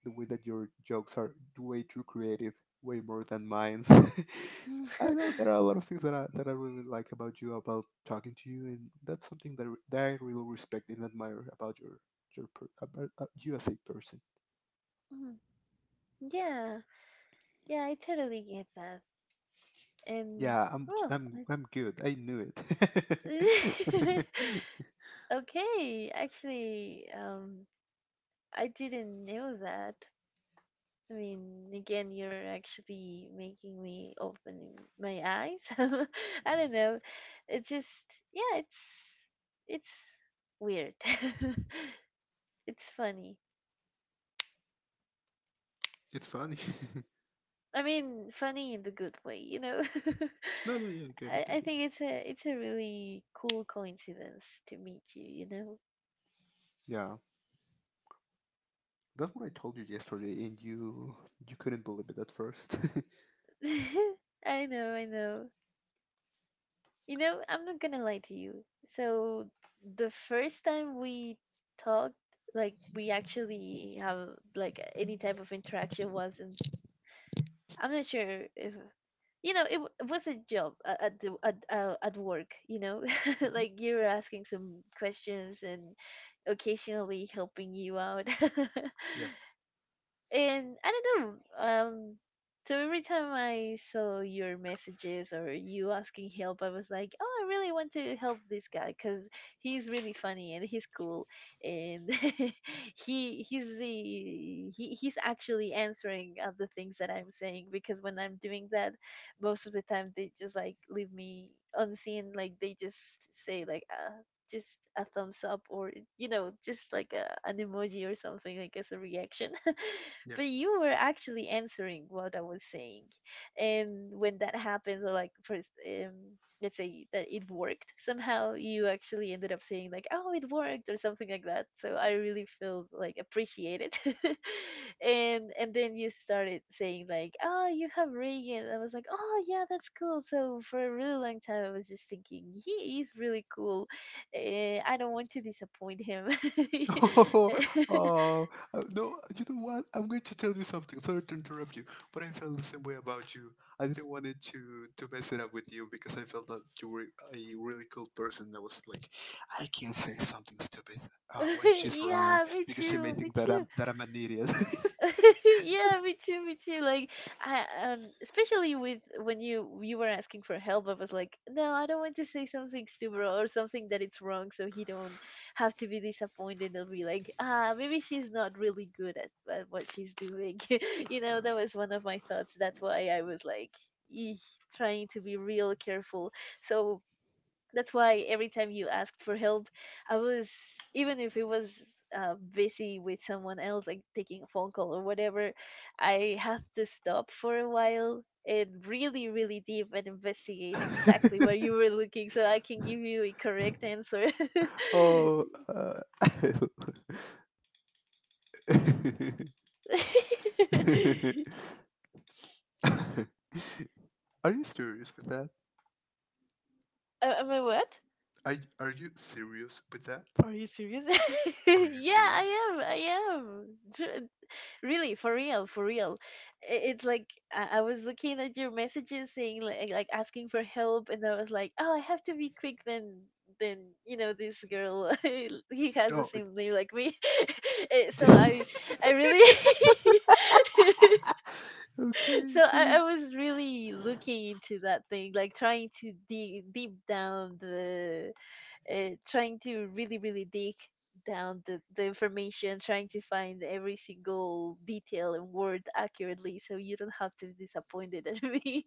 B: the way that your jokes are way too creative, way more than mine. I don't know there are a lot of things that I that I really like about you, about talking to you, and that's something that, re- that I really respect and admire about your your per, about uh, you as a person.
A: Mm, yeah, yeah, I totally get that. And
B: Yeah, I'm
A: well,
B: I'm I'm good. I knew it.
A: I- okay, actually, um, I didn't know that. I mean, again, you're actually making me open my eyes. I don't know. It's just, yeah, it's it's weird. It's funny.
B: it's funny.
A: I mean, funny in the good way, you know.
B: No, no, yeah, I get it,
A: I,
B: I
A: I
B: get it.
A: think it's a it's a really cool coincidence to meet you, you know.
B: Yeah, that's what I told you yesterday, and you you couldn't believe it at first.
A: I know, I know. You know, I'm not gonna lie to you. So the first time we talked, like we actually have like any type of interaction was in I'm not sure if you know it, w- it was a job a- at the at, uh, at work. You know,
B: hmm
A: like you were asking some questions and occasionally helping you out.
B: Yeah,
A: And I don't know. Um, so every time I saw your messages or you asking help, I was like, oh, I really want to help this guy because he's really funny and he's cool, and he he's the he, he's actually answering uh, the things that I'm saying, because when I'm doing that, most of the time they just like leave me unseen, like they just say like uh just a thumbs up, or you know, just like a, an emoji or something like as a reaction.
B: yeah.
A: But you were actually answering what I was saying. And when that happens, or like first, um, let's say that it worked somehow, you actually ended up saying like, "Oh, it worked," or something like that. So I really feel like appreciated. and and then you started saying like, "Oh, you have Reagan." I was like, "Oh yeah, that's cool." So for a really long time, I was just thinking he is really cool. Eh, I don't want to disappoint him.
B: Oh, oh, uh, no, you know what? I'm going to tell you something. Sorry to interrupt you, but I felt the same way about you. I didn't want it to to mess it up with you because I felt that you were a really cool person that was like, I can't say something stupid uh, when she's around
A: Yeah, me
B: because she may
A: too, me
B: think that I'm
A: too.
B: that I'm an idiot.
A: Yeah, me too, me too. Like I um especially with when you you were asking for help, I was like, no, I don't want to say something stupid or something that it's wrong, so he don't have to be disappointed and be like, ah, maybe she's not really good at, at what she's doing. You know, that was one of my thoughts. That's why I was like, "Eeh," trying to be real careful. So that's why every time you asked for help, I was, even if it was uh, busy with someone else, like taking a phone call or whatever, I had to stop for a while and really really deep and investigate exactly where you were looking so I can give you a correct answer. am
B: Oh, uh, are you serious with that?
A: am I what?
B: Are, are you serious with that?
A: Are you serious?
B: Are you
A: Yeah,
B: serious?
A: i am I am. Tr- Really, for real, for real. I- it's like i I was looking at your messages saying like, like asking for help, and I was like, oh, I have to be quick then. Then, you know, this girl he has the
B: No. it-
A: same name like me. Eh, so i i really
B: okay,
A: so
B: okay.
A: I, I was really looking into that thing, like trying to dig deep down the uh, trying to really really dig down the, the information, trying to find every single detail and word accurately so you don't have to be disappointed at me.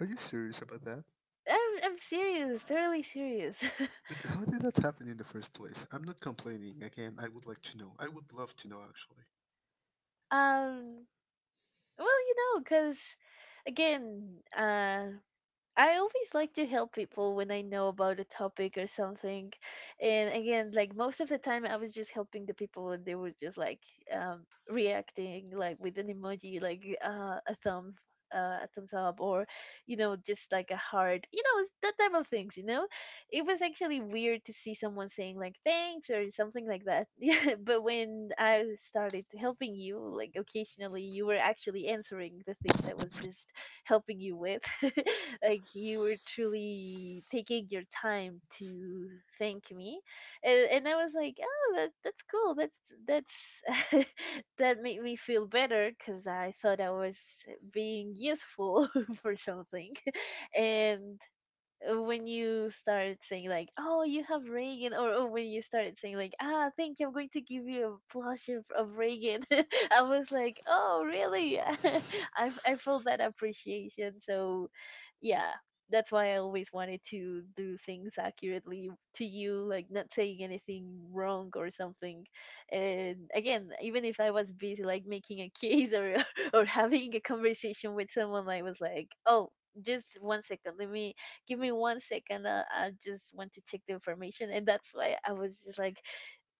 B: Are you serious about that?
A: i'm, I'm serious, totally serious.
B: But how did that happen in the first place? I'm not complaining. Again, I would like to know. I would love to know, actually.
A: um well, you know, because again, uh I always like to help people when I know about a topic or something. And again, like most of the time, I was just helping the people and they were just like um, reacting, like with an emoji, like uh, a thumb. Uh, a thumbs up, or you know, just like a heart, you know, it's that type of things, you know. It was actually weird to see someone saying like thanks or something like that. Yeah, but when I started helping you, like occasionally, you were actually answering the things I was just helping you with. Like you were truly taking your time to thank me, and and I was like, oh, that that's cool. That's that's That made me feel better because I thought I was being useful for something, and uh, when you started saying like, "Oh, you have Reagan," or, or when you started saying like, "Ah, thank you, I'm going to give you a plush of, of Reagan," I was like, "Oh, really?" I f- I felt that appreciation. So, yeah, that's why I always wanted to do things accurately to you, like not saying anything wrong or something. And again, even if I was busy like making a case or or having a conversation with someone, I was like, "Oh." Just one second, let me give me one second. Uh, I just want to check the information. And that's why I was just like,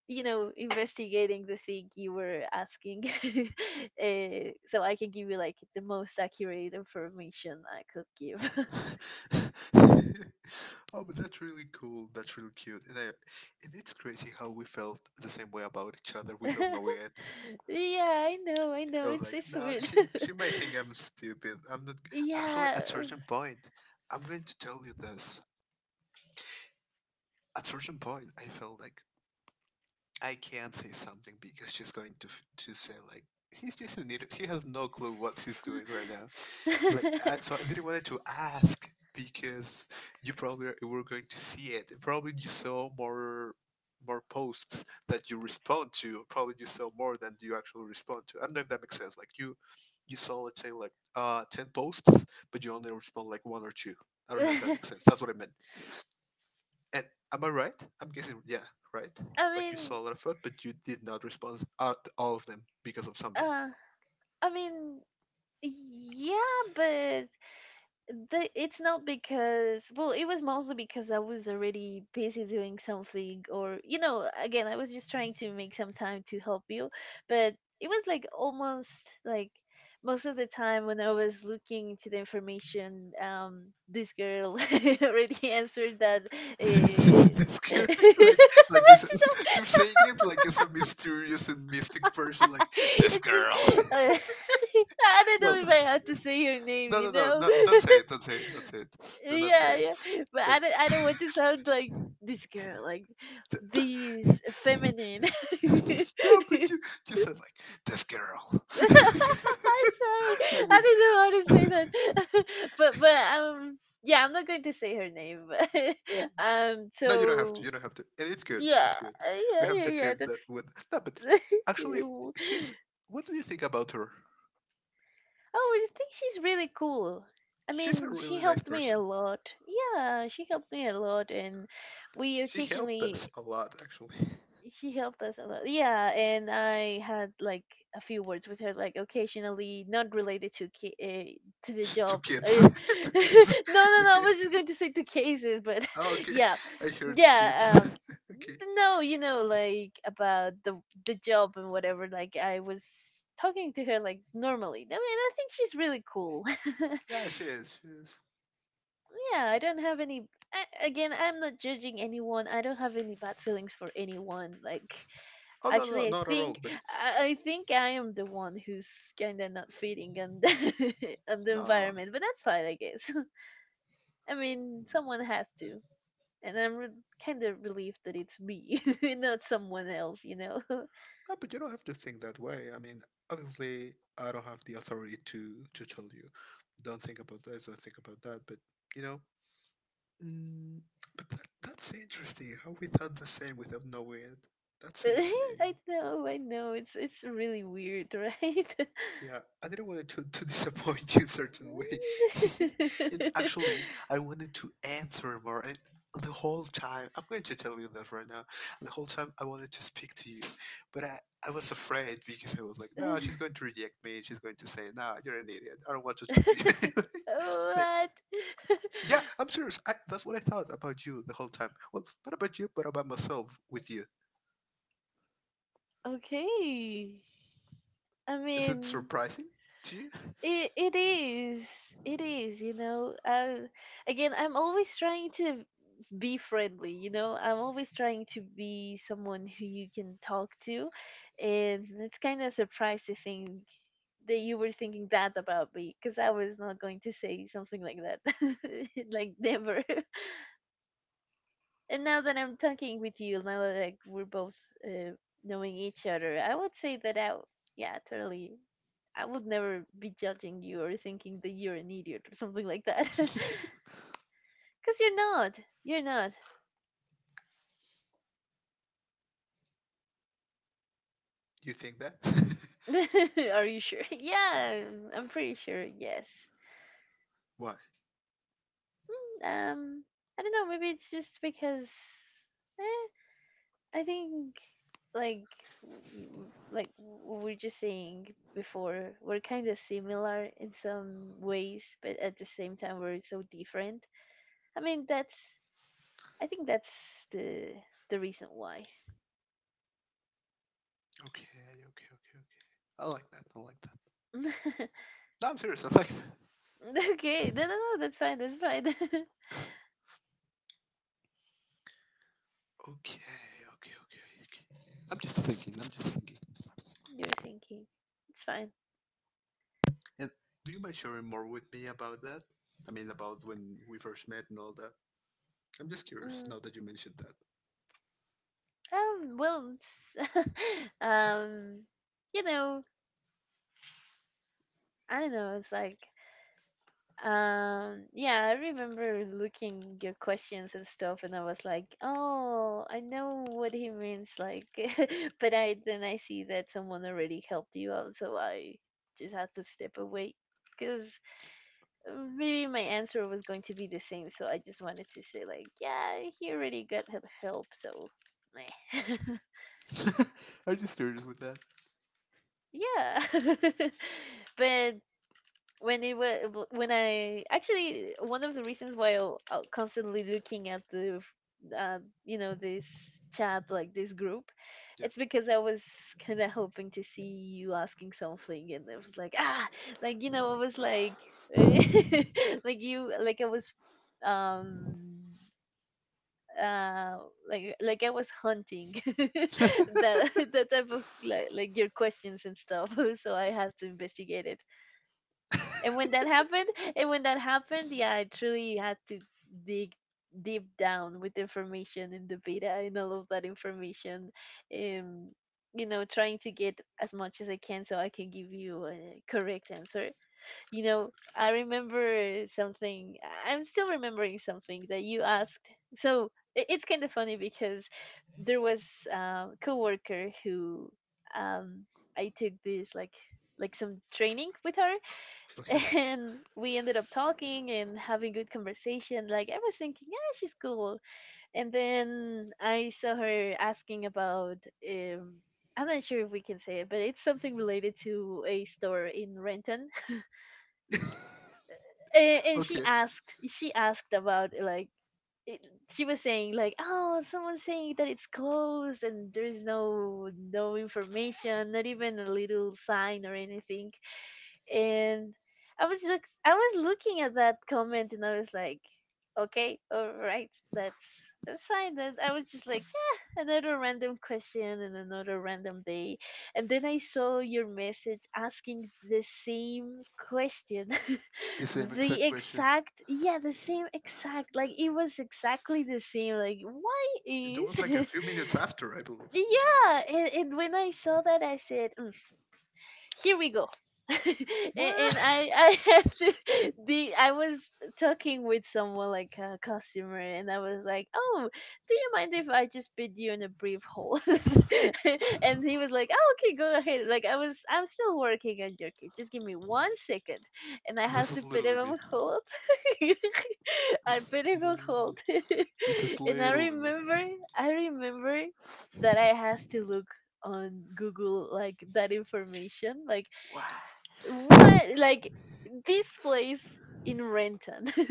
A: you know, investigating the thing you were asking. Uh, so I can give you like the most accurate information I could give.
B: oh, but that's really cool. That's really cute. And, I, and it's crazy how we felt the same way about each other without knowing it.
A: Yeah, I know, I
B: I
A: know.
B: was
A: It's,
B: like,
A: it's
B: no,
A: weird.
B: she she might think I'm stupid. I'm not. Actually,
A: Yeah.
B: at certain point, I'm going to tell you this. At certain point, I felt like I can't say something because she's going to f- to say like he's just an idiot. He has no clue what he's doing right now. Like, I, so I didn't wanted to ask because you probably were going to see it. Probably you saw more more posts that you respond to. Probably you saw more than you actually respond to. I don't know if that makes sense. Like you you saw let's say like uh ten posts, but you only respond like one or two. I don't know if that makes sense. That's what I meant. And am I right? I'm guessing yeah, right.
A: I
B: Like you
A: mean,
B: saw a lot of it, but you did not respond at all of them because of something.
A: uh, I mean, yeah, but the it's not because, well, it was mostly because I was already busy doing something, or you know, again, I was just trying to make some time to help you, but it was like almost like most of the time when I was looking into the information, um this girl already answered that. uh,
B: this girl, like, like it's, you're saying it like it's a mysterious and mystic person, like this
A: It's just
B: girl.
A: uh, I don't
B: well,
A: know if I have to say your name,
B: no,
A: you
B: no, no,
A: know.
B: no, don't say it, don't say it, don't say it, do not say
A: Yeah,
B: it.
A: yeah. But
B: But,
A: I don't I don't want to sound like this girl, like
B: th-
A: these
B: th-
A: feminine. I'm
B: no, but you, you said like this girl,
A: Sorry.
B: like
A: I
B: with
A: didn't know how to say that. but but um Yeah, I'm not going to say her name. But, um
B: no, you don't have to,
A: so
B: you don't have to, and it's good,
A: yeah,
B: it's good.
A: uh,
B: We
A: yeah,
B: have
A: yeah,
B: to
A: yeah.
B: keep
A: That's
B: that with no, but actually,
A: w-
B: she's. What do you think about her?
A: Oh, I think she's really cool. I
B: She's a
A: mean, she
B: really nice
A: helped me a
B: person.
A: lot. Yeah, she helped me a lot, and we
B: She helped us
A: occasionally
B: a lot, actually.
A: she helped us a lot. Yeah, and I had like a few words with her, like occasionally, not related to ca- uh, to the
B: to
A: job.
B: kids,
A: Eh.
B: to
A: No,
B: kids.
A: no, no. I
B: Okay,
A: was just going to say to cases, but
B: oh, okay.
A: yeah,
B: I heard kids.
A: yeah. Um,
B: okay.
A: no, you know, like about the the job and whatever. Like I was talking to her like normally. I mean, I think she's really cool.
B: Yeah, she is. She is.
A: Yeah, I don't have any. I, again, I'm not judging anyone. I don't have any bad feelings for anyone. Like
B: Oh no, no,
A: actually, I
B: not at all.
A: think
B: But
A: I, I think I am the one who's kind of not fitting on the on the
B: no,
A: environment, but that's fine, I guess. I mean, someone has to, and I'm re- kind of relieved that it's me, not someone else, you know.
B: no. But you don't have to think that way. I mean, obviously, I don't have the authority to to tell you, don't think about this, don't think about that. But you know, mm, but that, that's interesting. How we thought the same without knowing it. That's
A: But I
B: insane.
A: know, I know, it's it's really weird, right?
B: Yeah, I didn't want to, to disappoint you in certain way. And actually, I wanted to answer more. And the whole time, I'm going to tell you that right now. The whole time, I wanted to speak to you, but I, I was afraid because I was like, no, she's going to reject me. She's going to say, no, you're an idiot. I don't want to talk
A: What?
B: to you. like, yeah, I'm serious. I, that's what I thought about you the whole time. Well, it's not about you, but about myself with you.
A: Okay. I
B: Is it
A: mean,
B: surprising to you?
A: It it is. It is, you know. Uh, again, I'm always trying to be friendly, you know. I'm always trying to be someone who you can talk to, and it's kind of surprised to think that you were thinking that about me, because I was not going to say something like that, like never. And now that I'm talking with you, now that like we're both uh, knowing each other, I would say that I, w- yeah, totally, I would never be judging you or thinking that you're an idiot or something like that, because you're not. You're not.
B: You think that?
A: Are you sure? Yeah, I'm pretty sure. Yes.
B: Why?
A: Mm, Um, I don't know. Maybe it's just because. Eh, I think like w- like we were just saying before, we're kind of similar in some ways, but at the same time we're so different. I mean that's I think that's the the reason why.
B: Okay, okay, okay, I like that. I like that. No, I'm serious. I like that.
A: Okay, no no no that's fine, that's fine.
B: Okay, okay, okay, okay. I'm just thinking. I'm just thinking.
A: You're thinking. It's fine.
B: And do you mind sharing more with me about that? I mean, about when we first met and all that. I'm just curious
A: Mm,
B: now that you mentioned
A: um well it's, um you know I don't know it's like Um, yeah, I remember looking your questions and stuff, and I was like, "Oh, I know what he means." Like, but I then I see that someone already helped you out, so I just had to step away because maybe my answer was going to be the same. So I just wanted to say, like, yeah, he already got hel- help, so meh.
B: that. I'm just curious with that.
A: Yeah. But when it was when I actually one of the reasons why I I constantly looking at the f- uh, you know, this chat, like this group,
B: Yeah.
A: it's because I was kind of hoping to see you asking something, and it was like ah, like you know I was like like you like I was um uh like like I was hunting. that that type of, like like your questions and stuff, so I had to investigate it. And when that happened And when that happened, yeah, I truly had to dig deep down with information in the beta and all of that information, um you know, trying to get as much as I can so I can give you a correct answer, you know. I remember something. I'm still remembering something that you asked. So i- it's kind of funny because there was a coworker who, um I took this like like some training with her,
B: Okay.
A: and we ended up talking and having good conversation. Like, I was thinking, yeah, she's cool. And then I saw her asking about, um I'm not sure if we can say it, but it's something related to a store in Renton. and, and she
B: Okay.
A: asked she asked about like it, she was saying like, oh, someone's saying that it's closed and there's no no information, not even a little sign or anything. And I was look I was looking at that comment, and I was like, okay, all right, that's that's fine. Then I was just like, yeah, another random question and another random day, and then I saw your message asking the same question,
B: The same
A: the
B: exact question.
A: exact yeah, the same exact, like it was exactly the same. Like, why
B: It was like a
A: is
B: few minutes after, I believe.
A: yeah, and, and when I saw that, I said, "Mm, here we go." A- and
B: What?
A: i i have to, the I was talking with someone, like a customer, and I was like, "Oh, do you mind if I just bid you in a brief hold?" And he was like, "Oh, okay, go ahead." Like, i was I'm still working on your case, just give me one second. And I had
B: This
A: to
B: is
A: put
B: literally
A: him on
B: me.
A: hold. I
B: This is
A: put him on hold.
B: literally. This is
A: And i
B: literally me.
A: remember i remember that I had to look on Google like that information. Like,
B: What?
A: what? Like, this place in Renton,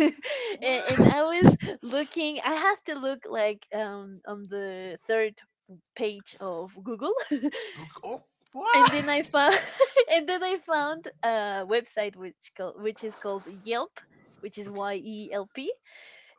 A: and, and
B: What?
A: I was looking. I have to look, like, um on the third page of Google,
B: Oh, oh,
A: and then I
B: what?
A: found and then I found a website which called, which is called Yelp, which is
B: Okay,
A: Y E L P.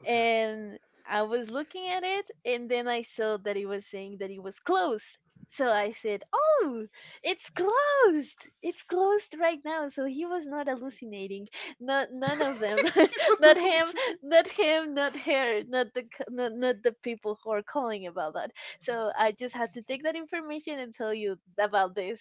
B: okay.
A: And I was looking at it, and then I saw that it was saying that it was closed. So I said, "Oh, it's closed! It's closed right now." So he was not hallucinating. Not none of them.
B: It
A: Not
B: doesn't
A: him.
B: listen.
A: Not him. Not her. Not the c- not, not the people who are calling about that. So I just had to take that information and tell you about this,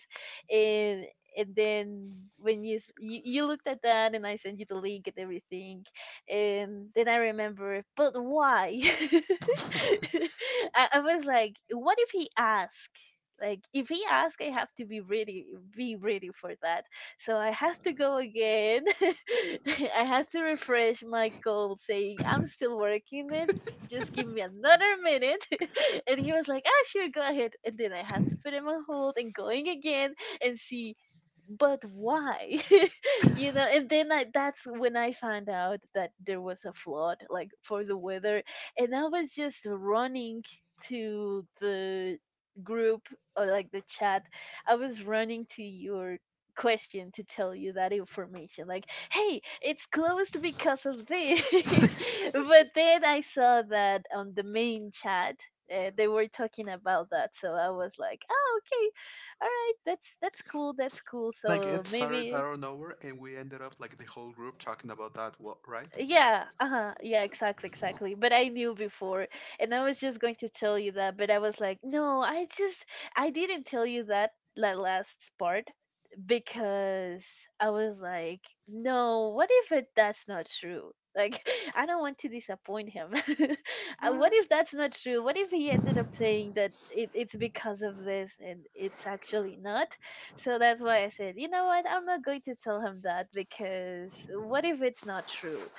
A: and and then when you s- you, you looked at that and I sent you the link and everything. Um, then I remember, but why? I, I was like, what if he ask? Like, if he ask, I have to be ready, be ready for that. So I have to go again. I have to refresh my call, saying I'm still working it. Just give me another minute. And he was like, "Ah, sure, go ahead." And then I had to put him on hold and going again and see, but why? You know, and then I, that's when I found out that there was a flood, like, for the weather. And I was just running to the group, or like the chat, I was running to your question to tell you that information, like, hey, it's closed because of this. But then I saw that on the main chat uh, they were talking about that, so I was like, oh, okay, all right, that's that's cool, that's cool,
B: Like
A: so
B: it started
A: maybe.
B: out of nowhere, and we ended up like the whole group talking about that. What, right?
A: Yeah, uh-huh. Yeah, exactly, exactly. But I knew before, and I was just going to tell you that, but I was like, no, I just, I didn't tell you that, that last part, because I was like, no, what if it that's not true? Like, I don't want to disappoint him. Uh, what
B: What?
A: if that's not true? What if he ended up saying that it, it's because of this and it's actually not? So that's why I said, you know what? I'm not going to tell him that, because what if it's not true?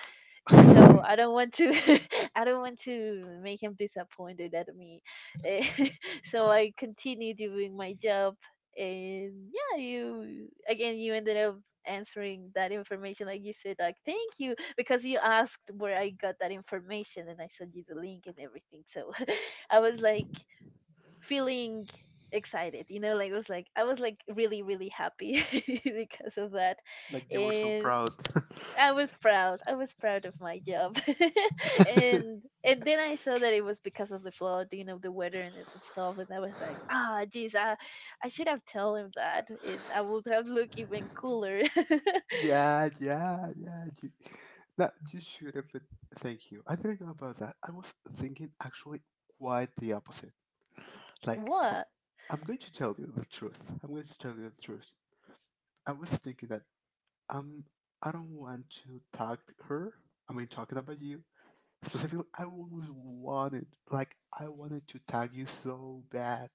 A: So I don't want to I don't want to make him disappointed at me. Eh, so I continue doing my job. And yeah, you again, you ended up answering that information, like you said, like thank you, because you asked where I got that information and I sent you the link and everything. So I was like feeling excited, you know, like it was like, I was like really really happy because of that.
B: Like you were so
A: And
B: proud.
A: I was proud. I was proud of my job. and and then I saw that it was because of the flooding of the weather and, and stuff, and I was like, ah jeez, I I should have told him that. And I would have looked even cooler.
B: Yeah, yeah, yeah. You, that you should have. been- Thank you. I didn't know about that. I was thinking actually quite the opposite. Like, pro-
A: What?
B: I'm going to tell you the truth. I'm going to tell you the truth. I was thinking that um, I don't want to talk her. I mean, talking about you. Specifically, I always wanted, like, I wanted to tag you so bad.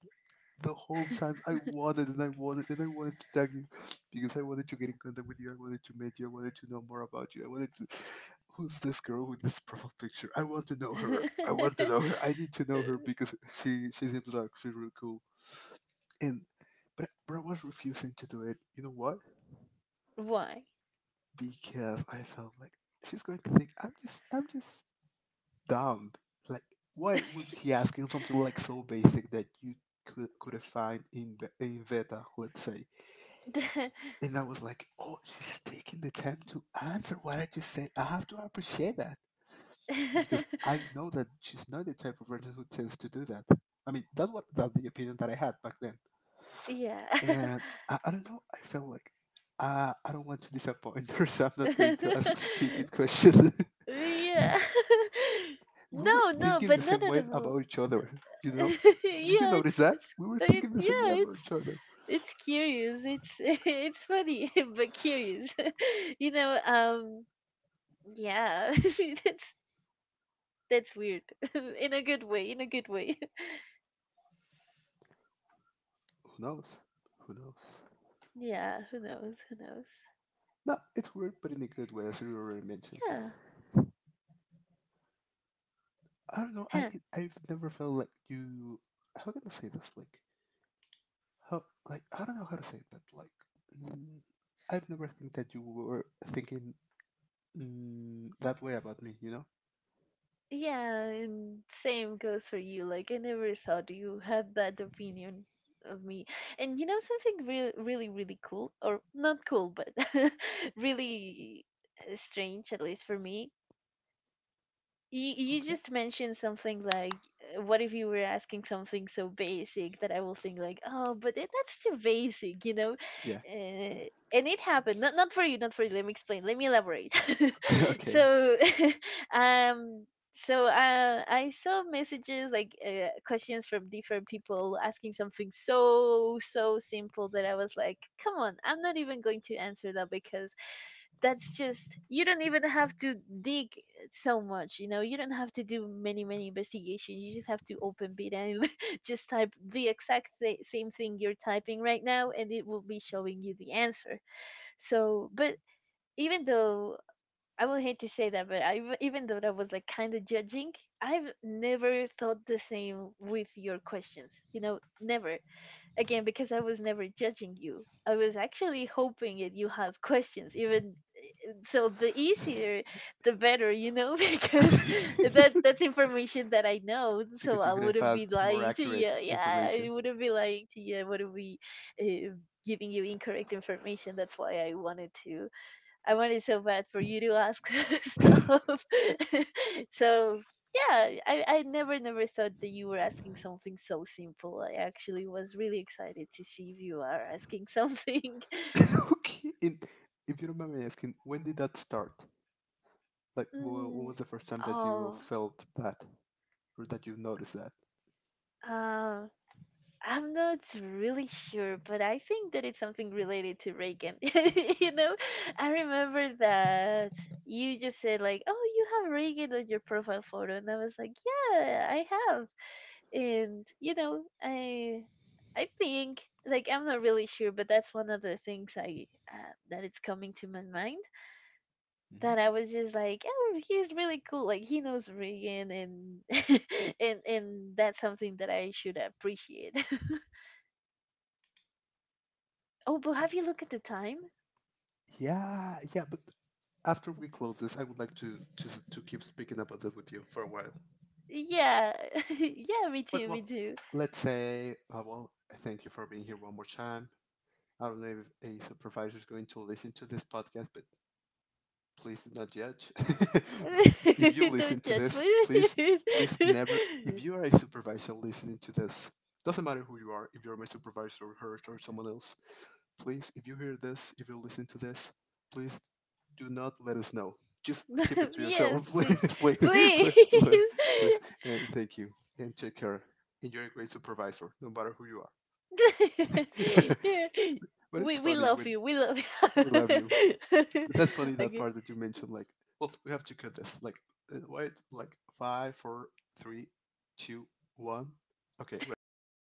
B: The whole time I wanted and I wanted and I wanted to tag you because I wanted to get in contact with you. I wanted to meet you. I wanted to know more about you. I wanted to. Who's this girl with this profile picture? I want to know her. I want to know her. I need to
A: Uh,
B: know her because she she seems like she's really cool. And but but I was refusing to do it. You know what?
A: why?
B: Because I felt like she's going to think I'm just I'm just dumb. Like, why would he asking something like so basic that you could could have find in Be- in Veta, let's say? And I was like, oh, she's taking the time to answer what I just said. I have to appreciate that because I know that she's not the type of person who tends to do that. I mean, that's what that's the opinion that I had back then.
A: Yeah. Yeah.
B: And I, I don't know. I felt like uh, I don't want to disappoint her, so I'm not going to ask stupid questions. We were
A: No, no,
B: thinking
A: but
B: the
A: not
B: same
A: at
B: way
A: all.
B: about each other. You know? Did you
A: Yeah, it's
B: notice that?
A: it's
B: We were
A: it,
B: thinking the same way
A: yeah,
B: about
A: it's
B: each other.
A: it's curious. It's it's funny but curious. You know, um yeah. that's that's weird. In a good way, in a good way.
B: Who knows? Who knows?
A: Yeah, who knows, who knows.
B: No, it's weird, but in a good way, as you already mentioned.
A: Yeah.
B: I don't know. I
A: Huh.
B: I've never felt like you. How can I say this? Like how? Like I don't know how to say it, but like mm, I've never think that you were thinking mm, that way about me. You know?
A: Yeah, and same goes for you. Like, I never thought you had that opinion of me. And you know something really really really cool, or not cool, but really strange, at least for me. You you
B: Okay.
A: just mentioned something like, uh, what if you were asking something so basic that I will think like, oh, but it, that's too basic, you know?
B: Yeah.
A: Uh, and it happened. Not not for you, not for you. Let me explain. Let me elaborate.
B: okay.
A: So, um, so uh, I saw messages like uh, questions from different people asking something so so simple that I was like, come on, I'm not even going to answer that because that's just you don't even have to dig so much, you know, you don't have to do many many investigations. You just have to open beta and just type the exact th- same thing you're typing right now and it will be showing you the answer. So but even though i would hate to say that, but i w- even though that was like kind of judging, I've never thought the same with your questions, you know, never. Again, because I was never judging you, I was actually hoping that you have questions. Even so, the easier the better, you know. Because that that's information that I know, so
B: Because you
A: I
B: could have
A: wouldn't
B: had
A: be
B: more
A: lying to you.
B: accurate
A: Yeah, I
B: information.
A: wouldn't be lying to you. I wouldn't be uh, giving you incorrect information. That's why i wanted to I wanted so bad for you to ask stuff. So yeah, I, I never never thought that you were asking something so simple. I actually was really excited to see if you are asking something.
B: Okay. In, if you don't mind me asking, when did that start? Like, wh- when
A: Mm,
B: was the first time that you
A: oh,
B: felt that or that you noticed that?
A: uh. I'm not really sure, but I think that it's something related to Reagan. You know, I remember that you just said like, "Oh, you have Reagan on your profile photo," and I was like, "Yeah, I have." And you know, I I think, like, I'm not really sure, but that's one of the things I uh, that it's coming to my mind,
B: hmm
A: that I was just like, "Oh, he's really cool. Like, he knows Reagan, and and and that's something that I should appreciate." Oh, but have
B: Okay.
A: you looked at the time?
B: Yeah, yeah. But after we close this, I would like to to to keep speaking about this with you for a while.
A: Yeah. Yeah, me
B: But
A: too, me
B: well,
A: too.
B: let's say, uh, well, thank you for being here one more time. I don't know if a supervisor is going to listen to this podcast, but please do not judge. If you listen
A: Don't
B: to
A: judge,
B: this, please,
A: please.
B: please never. If you are a supervisor listening to this, doesn't matter who you are. If you're my supervisor, her, or someone else, please, if you hear this, if you listen to this, please do not let us know. Just keep it to
A: Yes,
B: yourself, please,
A: please.
B: please,
A: Please.
B: please, please, please. And thank you, and take care. And you're a great supervisor, no matter who you are.
A: Yeah.
B: But it's
A: We we
B: funny
A: love
B: when
A: you. We love
B: we love you.
A: you.
B: That's funny that
A: Okay.
B: part that you mentioned. Like, well, we have to cut this. Like, uh, wait, like five, four, three, two, one. Okay, right.